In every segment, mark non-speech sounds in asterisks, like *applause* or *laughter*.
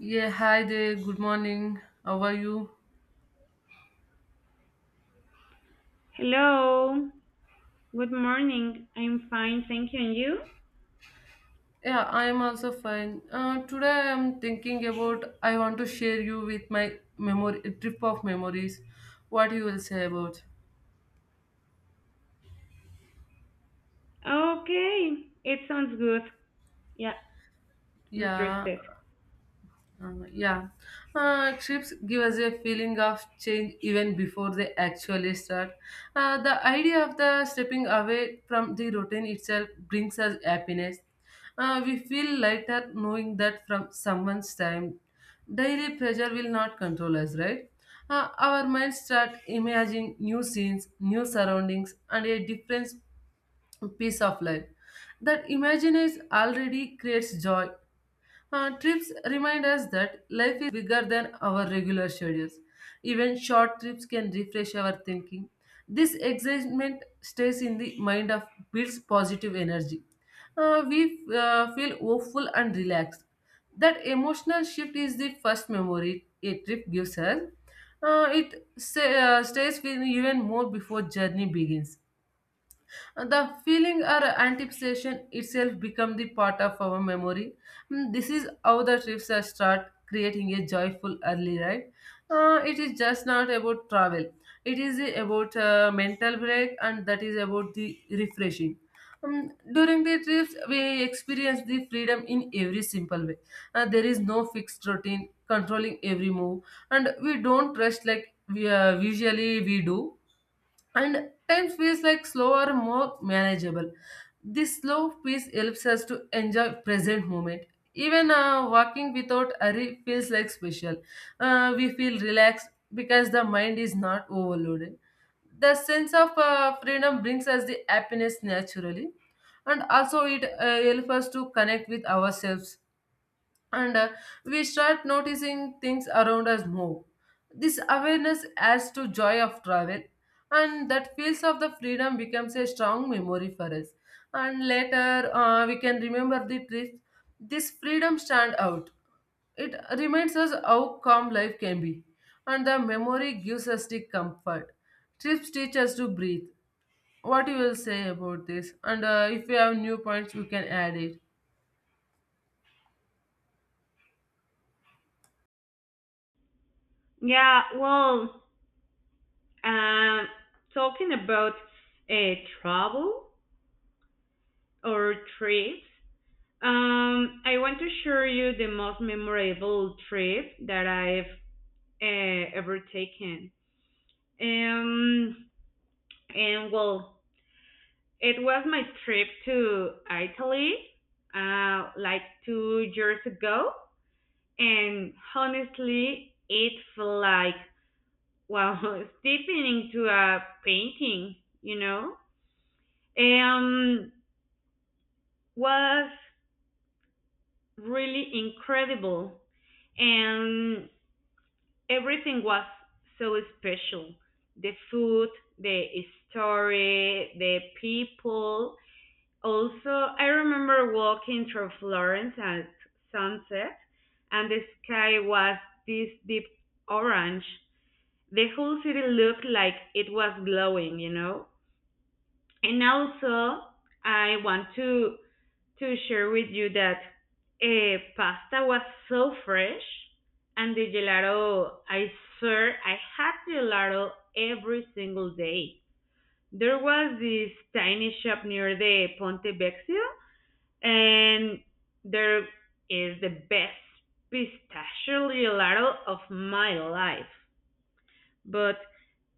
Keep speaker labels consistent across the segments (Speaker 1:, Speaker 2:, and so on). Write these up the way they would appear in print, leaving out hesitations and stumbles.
Speaker 1: Yeah, hi there. Good morning. How are you?
Speaker 2: Hello. Good morning. I'm fine, thank you. And you?
Speaker 1: Yeah, I am also fine. Today I am thinking about I want to share you with my memory trip of memories. What you will say about?
Speaker 2: Okay. It sounds good. Yeah,
Speaker 1: Yeah,
Speaker 2: interested.
Speaker 1: Um, yeah, Trips give us a feeling of change even before they actually start. The idea of the stepping away from the routine itself brings us happiness. We feel lighter knowing that from someone's time, daily pressure will not control us, right? Our minds start imagining new scenes, new surroundings, and a different piece of life. That imagine is already creates joy trips remind us that life is bigger than our regular schedules. Even short trips can refresh our thinking. This excitement stays in the mind of builds positive energy. We Feel hopeful and relaxed. That emotional shift is the first memory a trip gives us. It stays with you even more before journey begins the feeling or anticipation itself become the part of our memory Mm, this is how the trips are start creating a joyful early ride It is just not about travel it is about mental break and that is about the refreshing during the trips we experience the freedom in every simple way There is no fixed routine controlling every move and we don't rest like we usually we do and time feels like slower more manageable this slow pace helps us to enjoy present moment even walking without hurry feels like special. We feel relaxed because the mind is not overloaded the sense of freedom brings us the happiness naturally and also it helps us to connect with ourselves and we start noticing things around us more. This awareness adds to joy of travel, and that feels of the freedom becomes a strong memory for us. And later, we can remember the trips. This freedom stand out. It reminds us how calm life can be, and the memory gives us the comfort. Trips teach us to breathe. What you will say about this? And if you have new points, you can add it.
Speaker 2: Yeah, um, talking about uh, travel or trips. I want to share you the most memorable trip that I've ever taken. Um, and well, It was my trip to Italy, like 2 years ago, and honestly, it felt like wow, *laughs* stepping into a painting, you know, um, was really incredible, and everything was so special. The food, the story, the people. Also, I remember walking through Florence at sunset, and the sky was this deep orange. The whole city looked like it was glowing, you know? And also, I want to share with you that pasta was so fresh, and the gelato, I swear, I had gelato every single day. There was this tiny shop near the Ponte Vecchio, and there is the best pistachio gelato of my life. But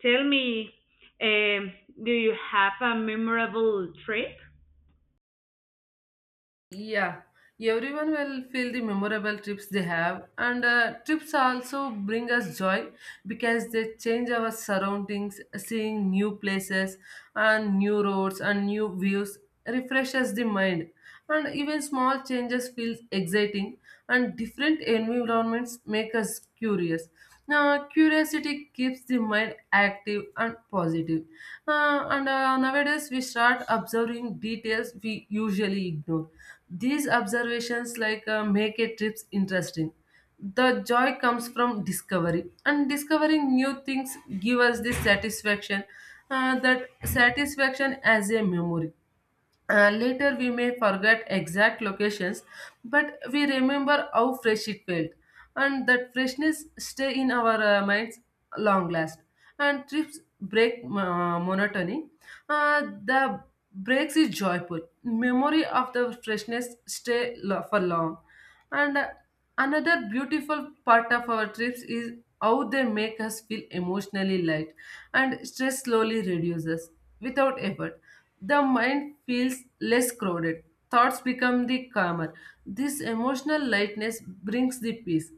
Speaker 2: tell me, um, do you have a memorable trip?
Speaker 1: Yeah, everyone will feel the memorable trips they have, and trips also bring us joy because they change our surroundings, seeing new places and new roads and new views refreshes the mind, and even small changes feel exciting, and different environments make us curious. Now, curiosity keeps the mind active and positive. And Nowadays, we start observing details we usually ignore these observations like make a trips interesting. The joy comes from discovery, and discovering new things give us this satisfaction. That satisfaction as a memory. Later, we may forget exact locations, but we remember how fresh it felt, and that freshness stay in our minds long last. And trips break monotony. The breaks is joyful. Memory of the freshness for long. And another beautiful part of our trips is how they make us feel emotionally light and stress slowly reduces without effort. The mind feels less crowded, thoughts become the calmer. This emotional lightness brings the peace.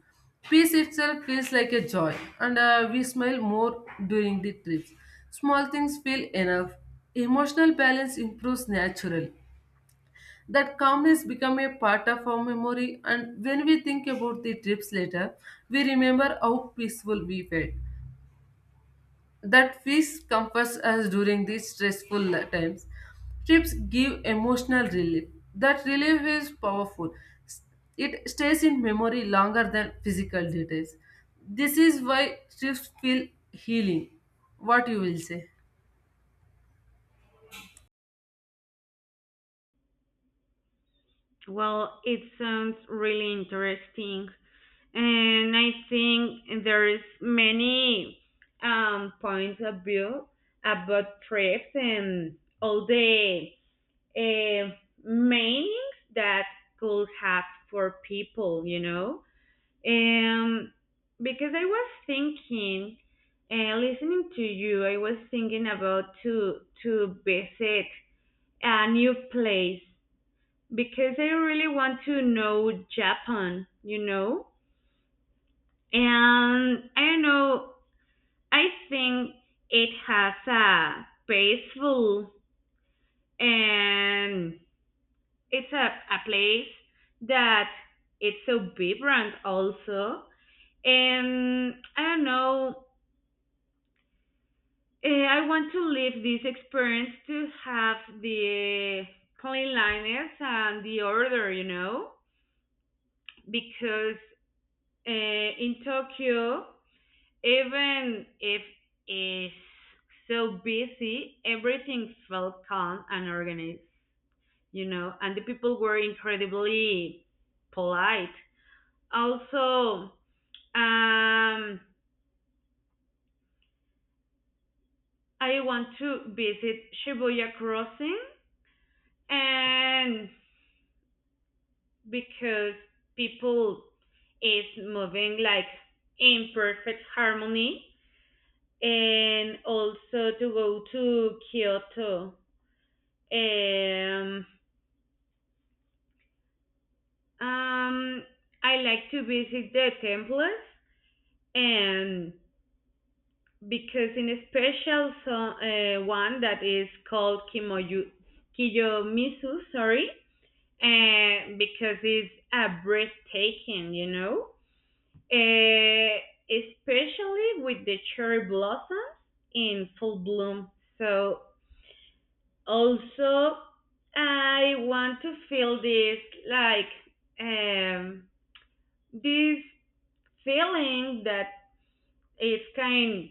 Speaker 1: Peace itself feels like a joy, and we smile more during the trips. Small things feel enough. Emotional balance improves naturally that calmness become a part of our memory and when we think about the trips later we remember how peaceful we felt that peace comforts us during these stressful times trips give emotional relief that relief is powerful it stays in memory longer than physical details this is why trips feel healing what you will say
Speaker 2: Well, it sounds really interesting, and I think there is many points of view about trips and all the uh, meanings that could have for people, you know. Um, because I was thinking, listening to you, I was thinking about to visit a new place because I really want to know Japan, you know? And I don't know, I think it has a peaceful, and it's a place that it's so vibrant also. And I don't know, I want to live this experience to have the cleanliness and the order, you know, because in Tokyo, even if it's so busy, everything felt calm and organized, you know, and the people were incredibly polite. Also, um, I want to visit Shibuya Crossing, and because people is moving like in perfect harmony, and also to go to Kyoto. Um, um, I like to visit the temples, and because in a special so, one that is called Kimoyu, Kiyomizu, sorry, because it's a breathtaking, you know. Uh, especially with the cherry blossoms in full bloom. So also I want to feel this like um this feeling that is kind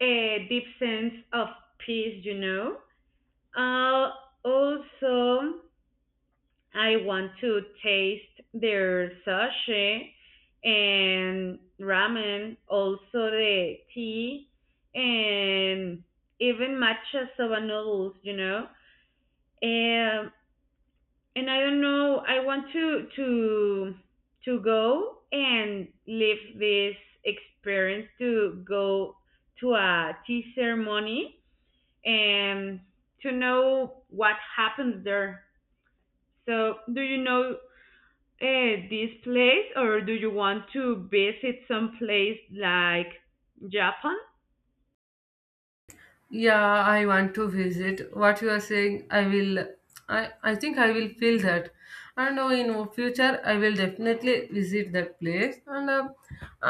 Speaker 2: a deep sense of peace, you know. Uh, Also I want to taste their sushi and ramen, also the tea and even matcha soba noodles, you know. And and I don't know, I want to go and live this experience to go to a tea ceremony and to know what happens there. So, do you know this place, or do you want to visit some place like Japan?
Speaker 1: Yeah, I want to visit. What you are saying, I will. I think I will feel that. I know in future I will definitely visit that place. And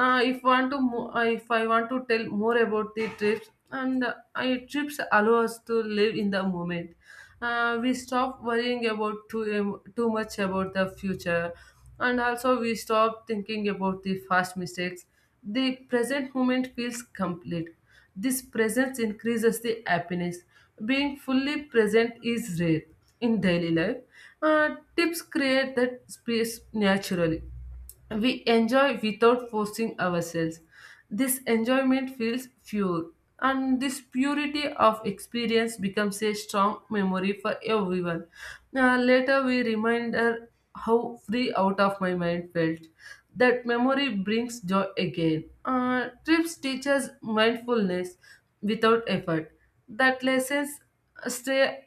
Speaker 1: if want to, mo- If I want to tell more about the trips, and I trips allow us to live in the moment. We stop worrying about too much about the future, and also we stop thinking about the past mistakes. The present moment feels complete this presence increases the happiness. Being fully present is rare in daily life. Tips create that space naturally. We enjoy without forcing ourselves. This enjoyment feels pure, and this purity of experience becomes a strong memory for everyone. Later, we remind her how free out of my mind felt. That memory brings joy again. Trips teach us mindfulness without effort. That lessons stay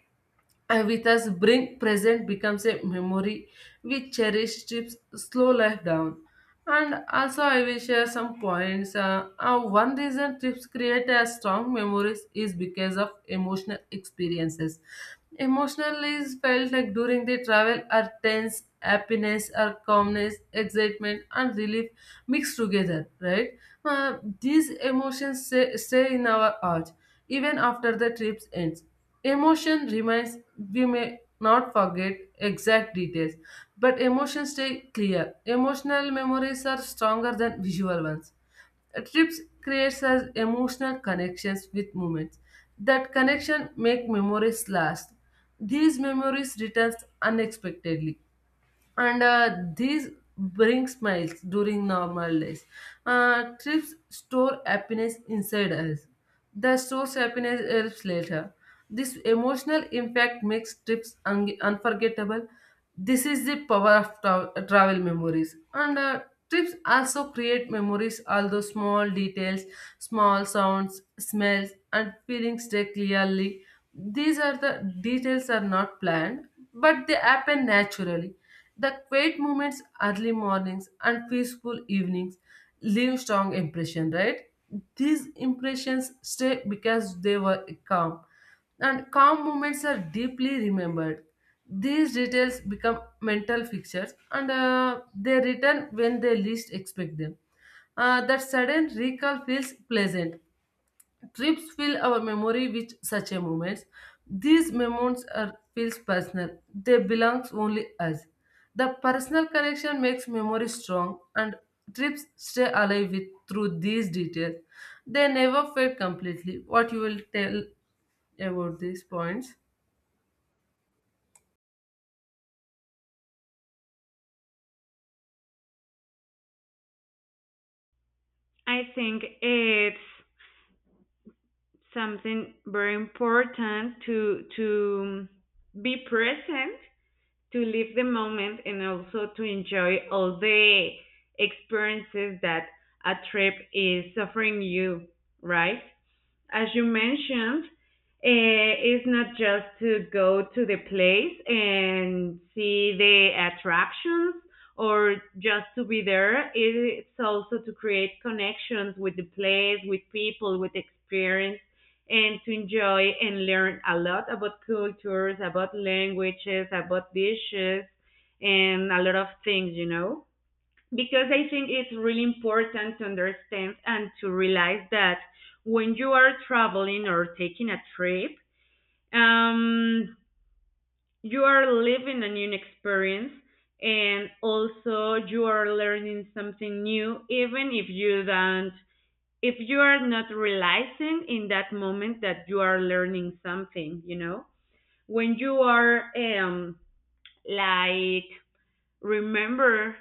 Speaker 1: and with us, bring present becomes a memory we cherish trips slow life down. And also, I will share some points. One reason trips create a strong memories is because of emotional experiences. Emotional is felt like during the travel are tense, happiness, or calmness, excitement, and relief mixed together, right? These emotions stay in our heart even after the trips ends Emotion remains, we may not forget exact details, but emotions stay clear. Emotional memories are stronger than visual ones. A trips creates us emotional connections with moments. That connection make memories last. These memories returns unexpectedly and these bring smiles during normal days. Trips store happiness inside us. The source happiness helps later. This emotional impact makes trips unforgettable. This is the power of travel memories. And trips also create memories, although small details, small sounds, smells, and feelings stay clearly. These are the details are not planned, but they happen naturally the quiet moments, early mornings, and peaceful evenings leave strong impression, right? These impressions stay because they were calm, and calm moments are deeply remembered. These details become mental fixtures, and they return when they least expect them. That sudden recall feels pleasant Trips fill our memory with such a moments. These moments are feels personal. They belong only us. The personal connection makes memory strong and trips stay alive with through these details. They never fade completely. What you will tell about these points?
Speaker 2: I think it's something very important to be present, to live the moment, and also to enjoy all the experiences that a trip is offering you, right? As you mentioned, it's not just to go to the place and see the attractions or just to be there. It's also to create connections with the place, with people, with experience, and to enjoy and learn a lot about cultures, about languages, about dishes, and a lot of things, you know? Because I think it's really important to understand and to realize that when you are traveling or taking a trip, um, you are living a new experience, and also you are learning something new, even if you don't if you are not realizing in that moment that you are learning something, you know, when you are like remember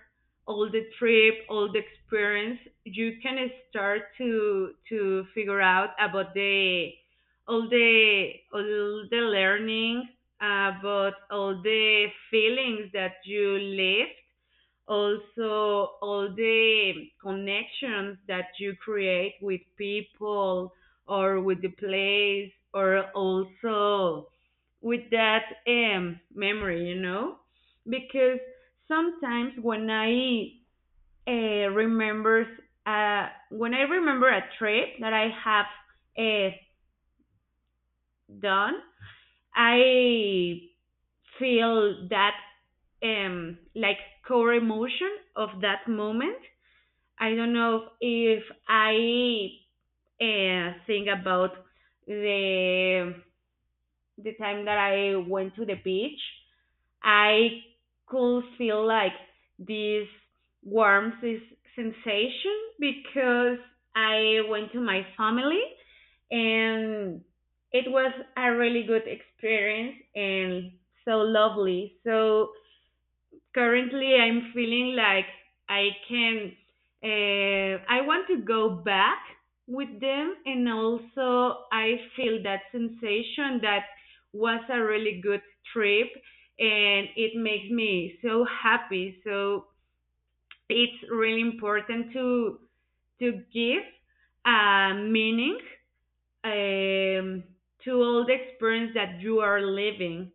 Speaker 2: all the trip, all the experience, you can start to figure out about the all the learning, about all the feelings that you lived, also all the connections that you create with people or with the place, or also with that memory, you know? Because sometimes when I remembers when I remember a trip that I have uh, done, I feel that um, like core emotion of that moment. I don't know if I think about the the time that I went to the beach. I could feel like this warm sensation because I went to my family, and it was a really good experience and so lovely. So currently, I'm feeling like I can, I want to go back with them. And also, I feel that sensation that was a really good trip, and it makes me so happy. So, it's really important to give a meaning, um, to all the experience that you are living.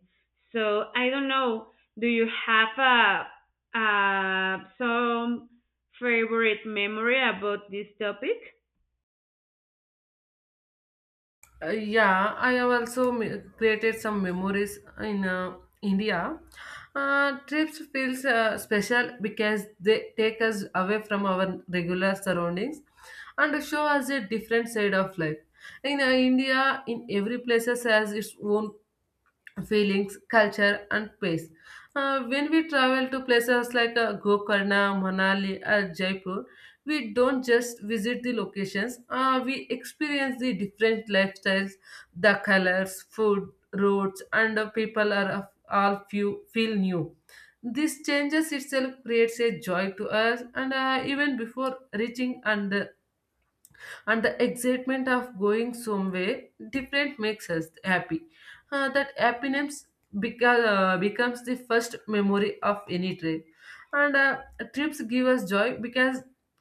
Speaker 2: So I don't know. Do you have some favorite memory about this topic?
Speaker 1: Yeah, I have also created some memories in India. Trips feels special because they take us away from our regular surroundings and show us a different side of life. In India, in every places has its own feelings, culture, and pace. When we travel to places like Gokarna, Manali, or Jaipur, we don't just visit the locations, we experience the different lifestyles, the colors, food, roads, and the people are all few, feel new. This changes itself creates a joy to us, and even before reaching and the excitement of going somewhere different makes us happy. That happiness becomes the first memory of any trip. And trips give us joy because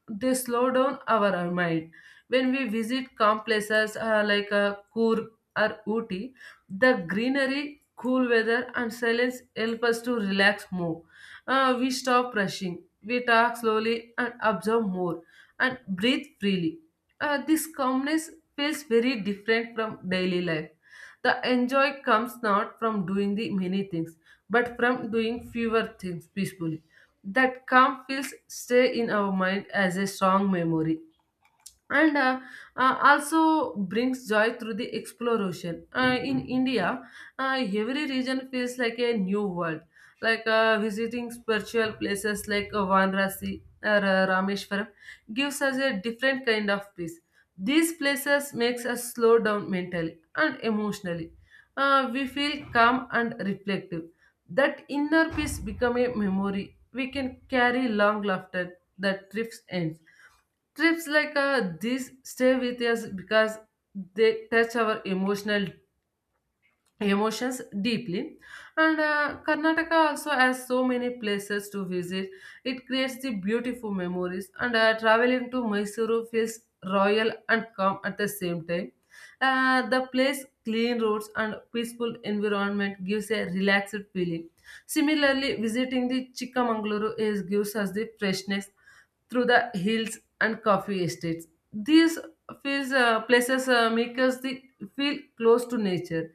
Speaker 1: they slow down our mind. When we visit calm places like Coorg or Ooty, the greenery, cool weather, and silence help us to relax more. We stop rushing, we talk slowly and observe more, and breathe freely. This calmness feels very different from daily life. The enjoy comes not from doing the many things, but from doing fewer things peacefully. That calm feels stay in our mind as a strong memory and also brings joy through the exploration. In India, every region feels like a new world. Like visiting spiritual places like Vanrasi or Rameshwaram gives us a different kind of peace. These places makes us slow down mentally and emotionally. We feel calm and reflective. That inner peace become a memory we can carry long after the trips ends trips like these stay with us because they touch our emotional emotions deeply and karnataka also has so many places to visit it creates the beautiful memories and traveling to mysuru feels royal and calm at the same time the place clean roads and peaceful environment gives a relaxed feeling similarly visiting the chikamangaluru is gives us the freshness through the hills and coffee estates these feels, places make us feel close to nature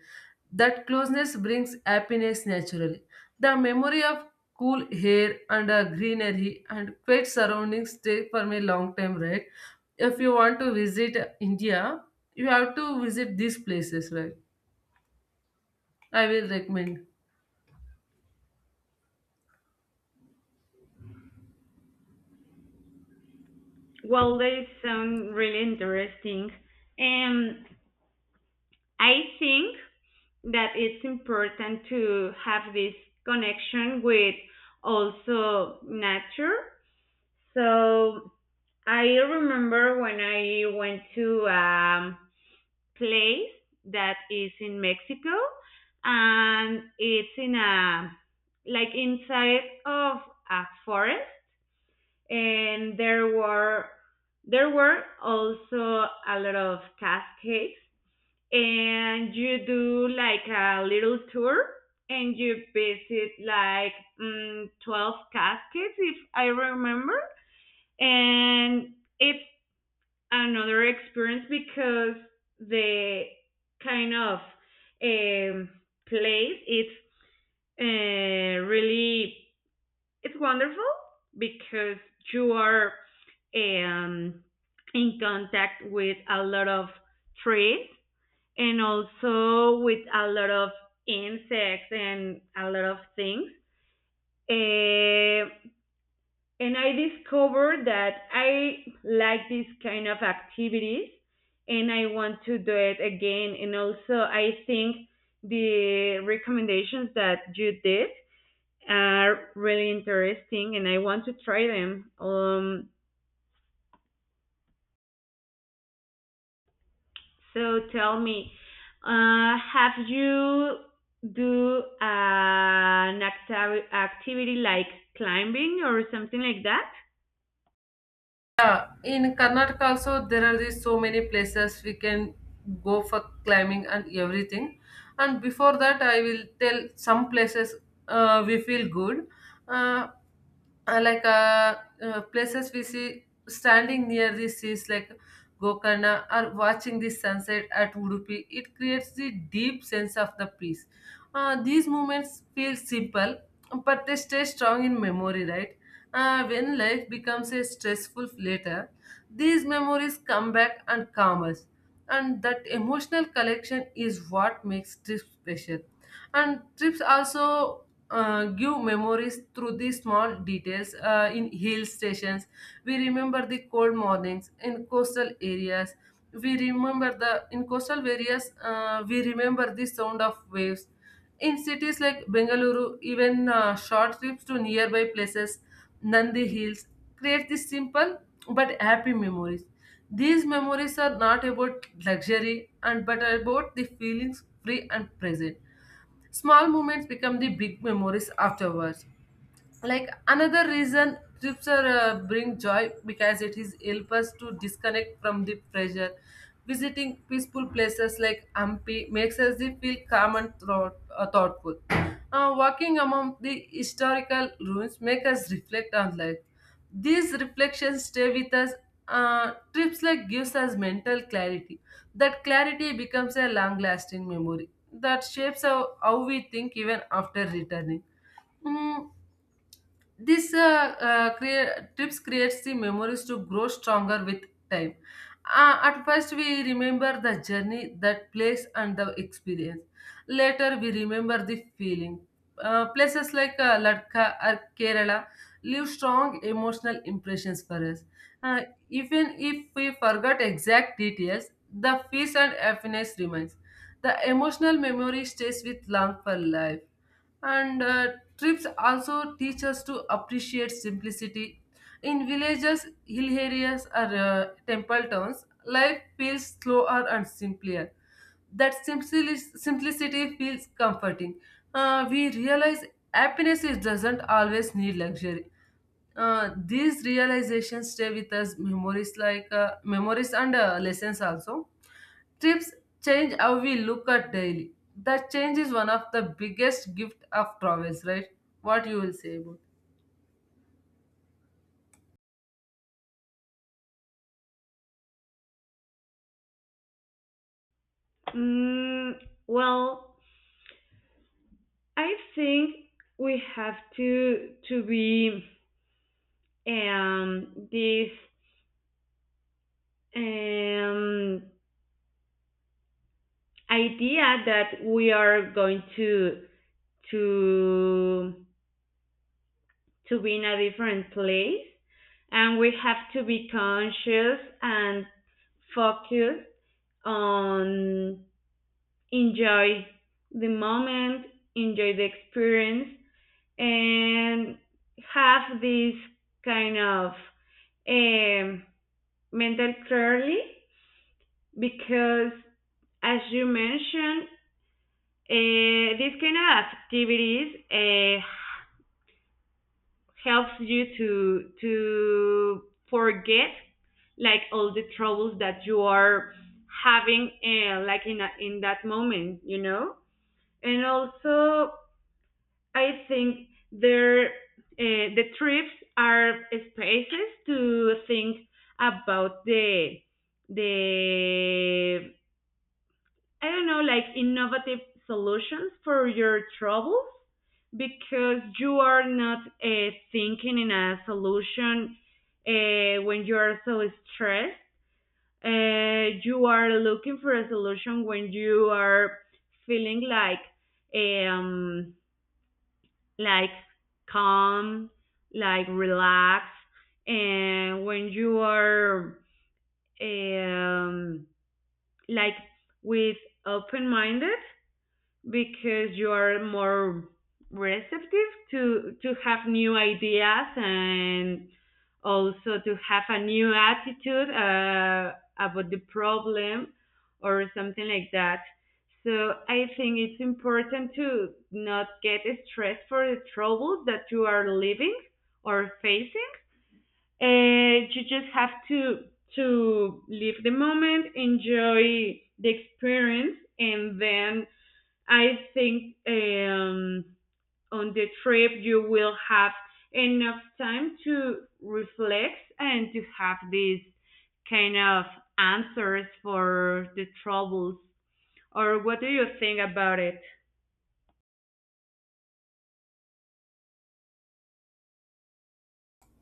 Speaker 1: that closeness brings happiness naturally. The memory of cool air and a greenery and quiet surroundings stay for me long time, right? If you want to visit India, you have to visit these places, right? I will recommend.
Speaker 2: Well, they sound really interesting, and I think that it's important to have this connection with also nature. So I remember when I went to place that is in Mexico, and it's in a like inside of a forest, and there were also a lot of cascades, and you do like a little tour, and you visit like 12 cascades if I remember, and it's another experience because the kind of um, place it's really it's wonderful because you are um, in contact with a lot of trees and also with a lot of insects and a lot of things. Uh, and I discovered that I like these kind of activities, and I want to do it again. And also, I think the recommendations that you did are really interesting, and I want to try them. So tell me, have you do an activity like climbing or something like that?
Speaker 1: Yeah, in Karnataka also there are these so many places we can go for climbing and everything. And before that, I will tell some places we feel good, uh, uh, like uh, places we see standing near the seas, like Gokarna, or watching the sunset at Udupi, it creates the deep sense of the peace. These moments feel simple, but they stay strong in memory, right? When life becomes a stressful later, these memories come back and calm us, and that emotional connection is what makes trips special, and trips also give memories through these small details. In hill stations we remember the cold mornings. In coastal areas we remember the sound of waves. In cities like Bengaluru, even short trips to nearby places, Nandi Hills, create these simple but happy memories. These memories are not about luxury and but about the feelings free and present. Small moments become the big memories afterwards, like another reason trips are bring joy, because it is help us to disconnect from the pressure. Visiting peaceful places like ampi makes us the feel calm and thoughtful. Walking among the historical ruins make us reflect on life. These reflections stay with us. Trips like gives us mental clarity. That clarity becomes a long lasting memory that shapes how we think even after returning. Mm, trips creates the memories to grow stronger with time. At first, we remember the journey, that place, and the experience. Later, we remember the feeling. Places like Ladakh or Kerala leave strong emotional impressions for us. Uh, Even if we forgot exact details, the peace and happiness remains. The emotional memory stays with long for life, and trips also teach us to appreciate simplicity. In villages, hill areas, or temple towns, life feels slower and simpler. That simplicity feels comforting. We realize happiness is, doesn't always need luxury. These realizations stay with us memories like memories and lessons also. Trips change how we look at daily. That change is one of the biggest gift of travels, right? What you will say about?
Speaker 2: Mm, well, I think we have to be this um, idea that we are going to to be in a different place, and we have to be conscious and focused on enjoy the moment, enjoy the experience, and have this kind of um, mental clearly because as you mentioned this kind of activities helps you to forget like all the troubles that you are having in that moment, you know. And also I think there the trips are spaces to think about the I don't know, like innovative solutions for your troubles because you are not thinking in a solution when you are so stressed. You are looking for a solution when you are feeling like um like calm, like relaxed, and when you are um like with open minded because you are more receptive to have new ideas and also to have a new attitude about the problem or something like that. So I think it's important to not get stressed for the troubles that you are living or facing. You just have to live the moment, enjoy the experience, and then I think on the trip you will have enough time to reflect and to have these kind of answers for the troubles. Or what do you think about it?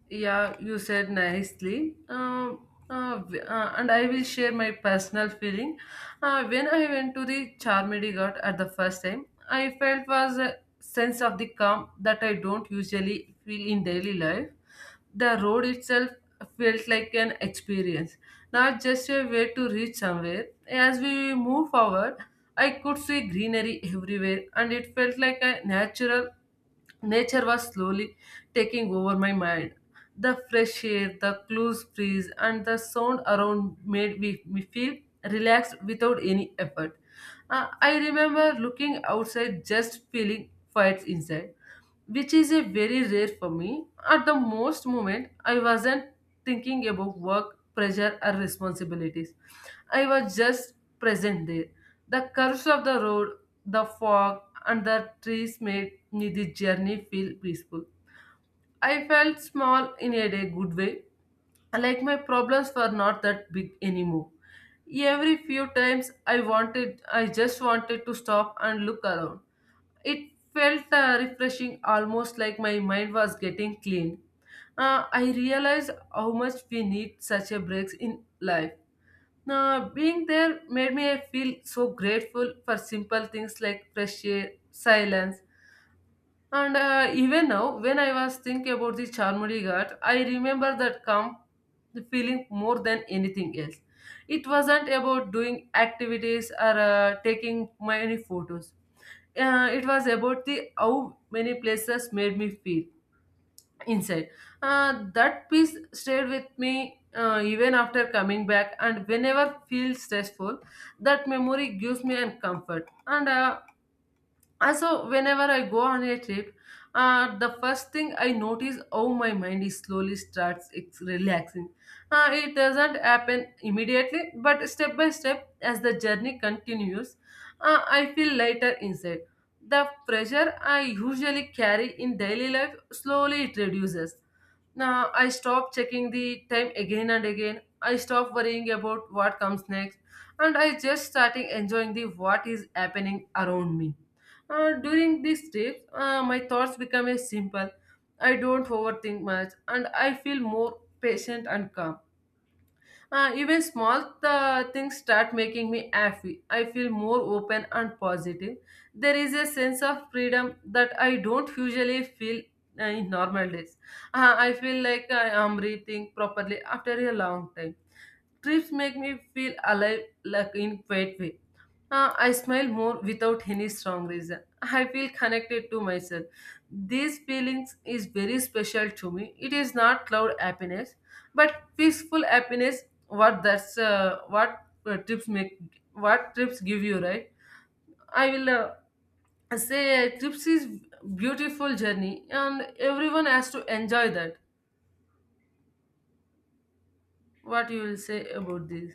Speaker 1: Yeah, you said nicely. And I will share my personal feeling. When I went to the Charmedy Ghat at the first time, I felt was a sense of the calm that I don't usually feel in daily life. The road itself felt like an experience, not just a way to reach somewhere. As we move forward, I could see greenery everywhere, and it felt like a natural. Nature was slowly taking over my mind. The fresh air, the close breeze, and the sound around made me feel relaxed without any effort. I remember looking outside, just feeling quiet inside, which is a very rare for me. At the most moment, I wasn't thinking about work, pressure, or responsibilities. I was just present there. The curves of the road, the fog, and the trees made me the journey feel peaceful. I felt small in a day, good way, like my problems were not that big anymore. Every few times I wanted, I just wanted to stop and look around. It felt refreshing, almost like my mind was getting clean. I realized how much we need such a breaks in life. Now, being there made me feel so grateful for simple things like fresh air, silence, and even now, when I was thinking about the Charmudi Ghat, I remember that calm feeling more than anything else. It wasn't about doing activities or taking many photos. It was about the how many places made me feel inside. That piece stayed with me even after coming back, and whenever feel stressful, that memory gives me a comfort. And also, whenever I go on a trip, the first thing I notice how my mind is slowly starts it's relaxing. It doesn't happen immediately, but step by step, as the journey continues, I feel lighter inside. The pressure I usually carry in daily life slowly it reduces. Now I stop checking the time again and again. I stop worrying about what comes next, and I just starting enjoying the what is happening around me. During these trips, my thoughts become a simple. I don't overthink much, and I feel more patient and calm. Even small things start making me happy. I feel more open and positive. There is a sense of freedom that I don't usually feel in normal days. I feel like I am breathing properly after a long time. Trips make me feel alive like in great way. I smile more without any strong reason. I feel connected to myself. These feelings is very special to me. It is not cloud happiness, but peaceful happiness. What that's what trips make. What trips give you, right? I will say trips is beautiful journey, and everyone has to enjoy that. What you will say about this?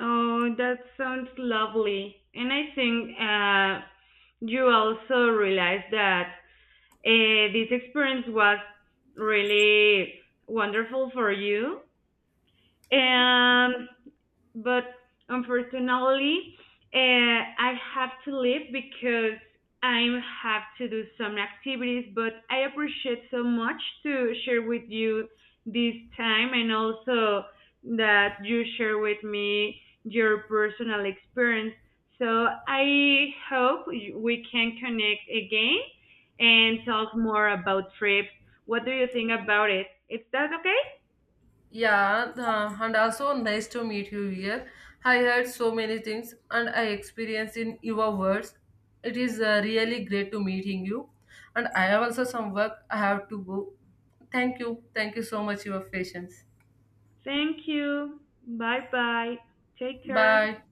Speaker 2: Oh, that sounds lovely. And I think you also realize that this experience was really wonderful for you. And but unfortunately, I have to leave because I have to do some activities. But I appreciate so much to share with you this time and also that you share with me your personal experience. So I hope we can connect again and talk more about trips. What do you think about it? Is that okay?
Speaker 1: Yeah, and also nice to meet you here. I heard so many things and I experienced in your words. It is really great to meeting you. And I have also some work I have to go. Thank you. Thank you so much for your patience.
Speaker 2: Thank you. Bye bye. Take care.
Speaker 1: Bye.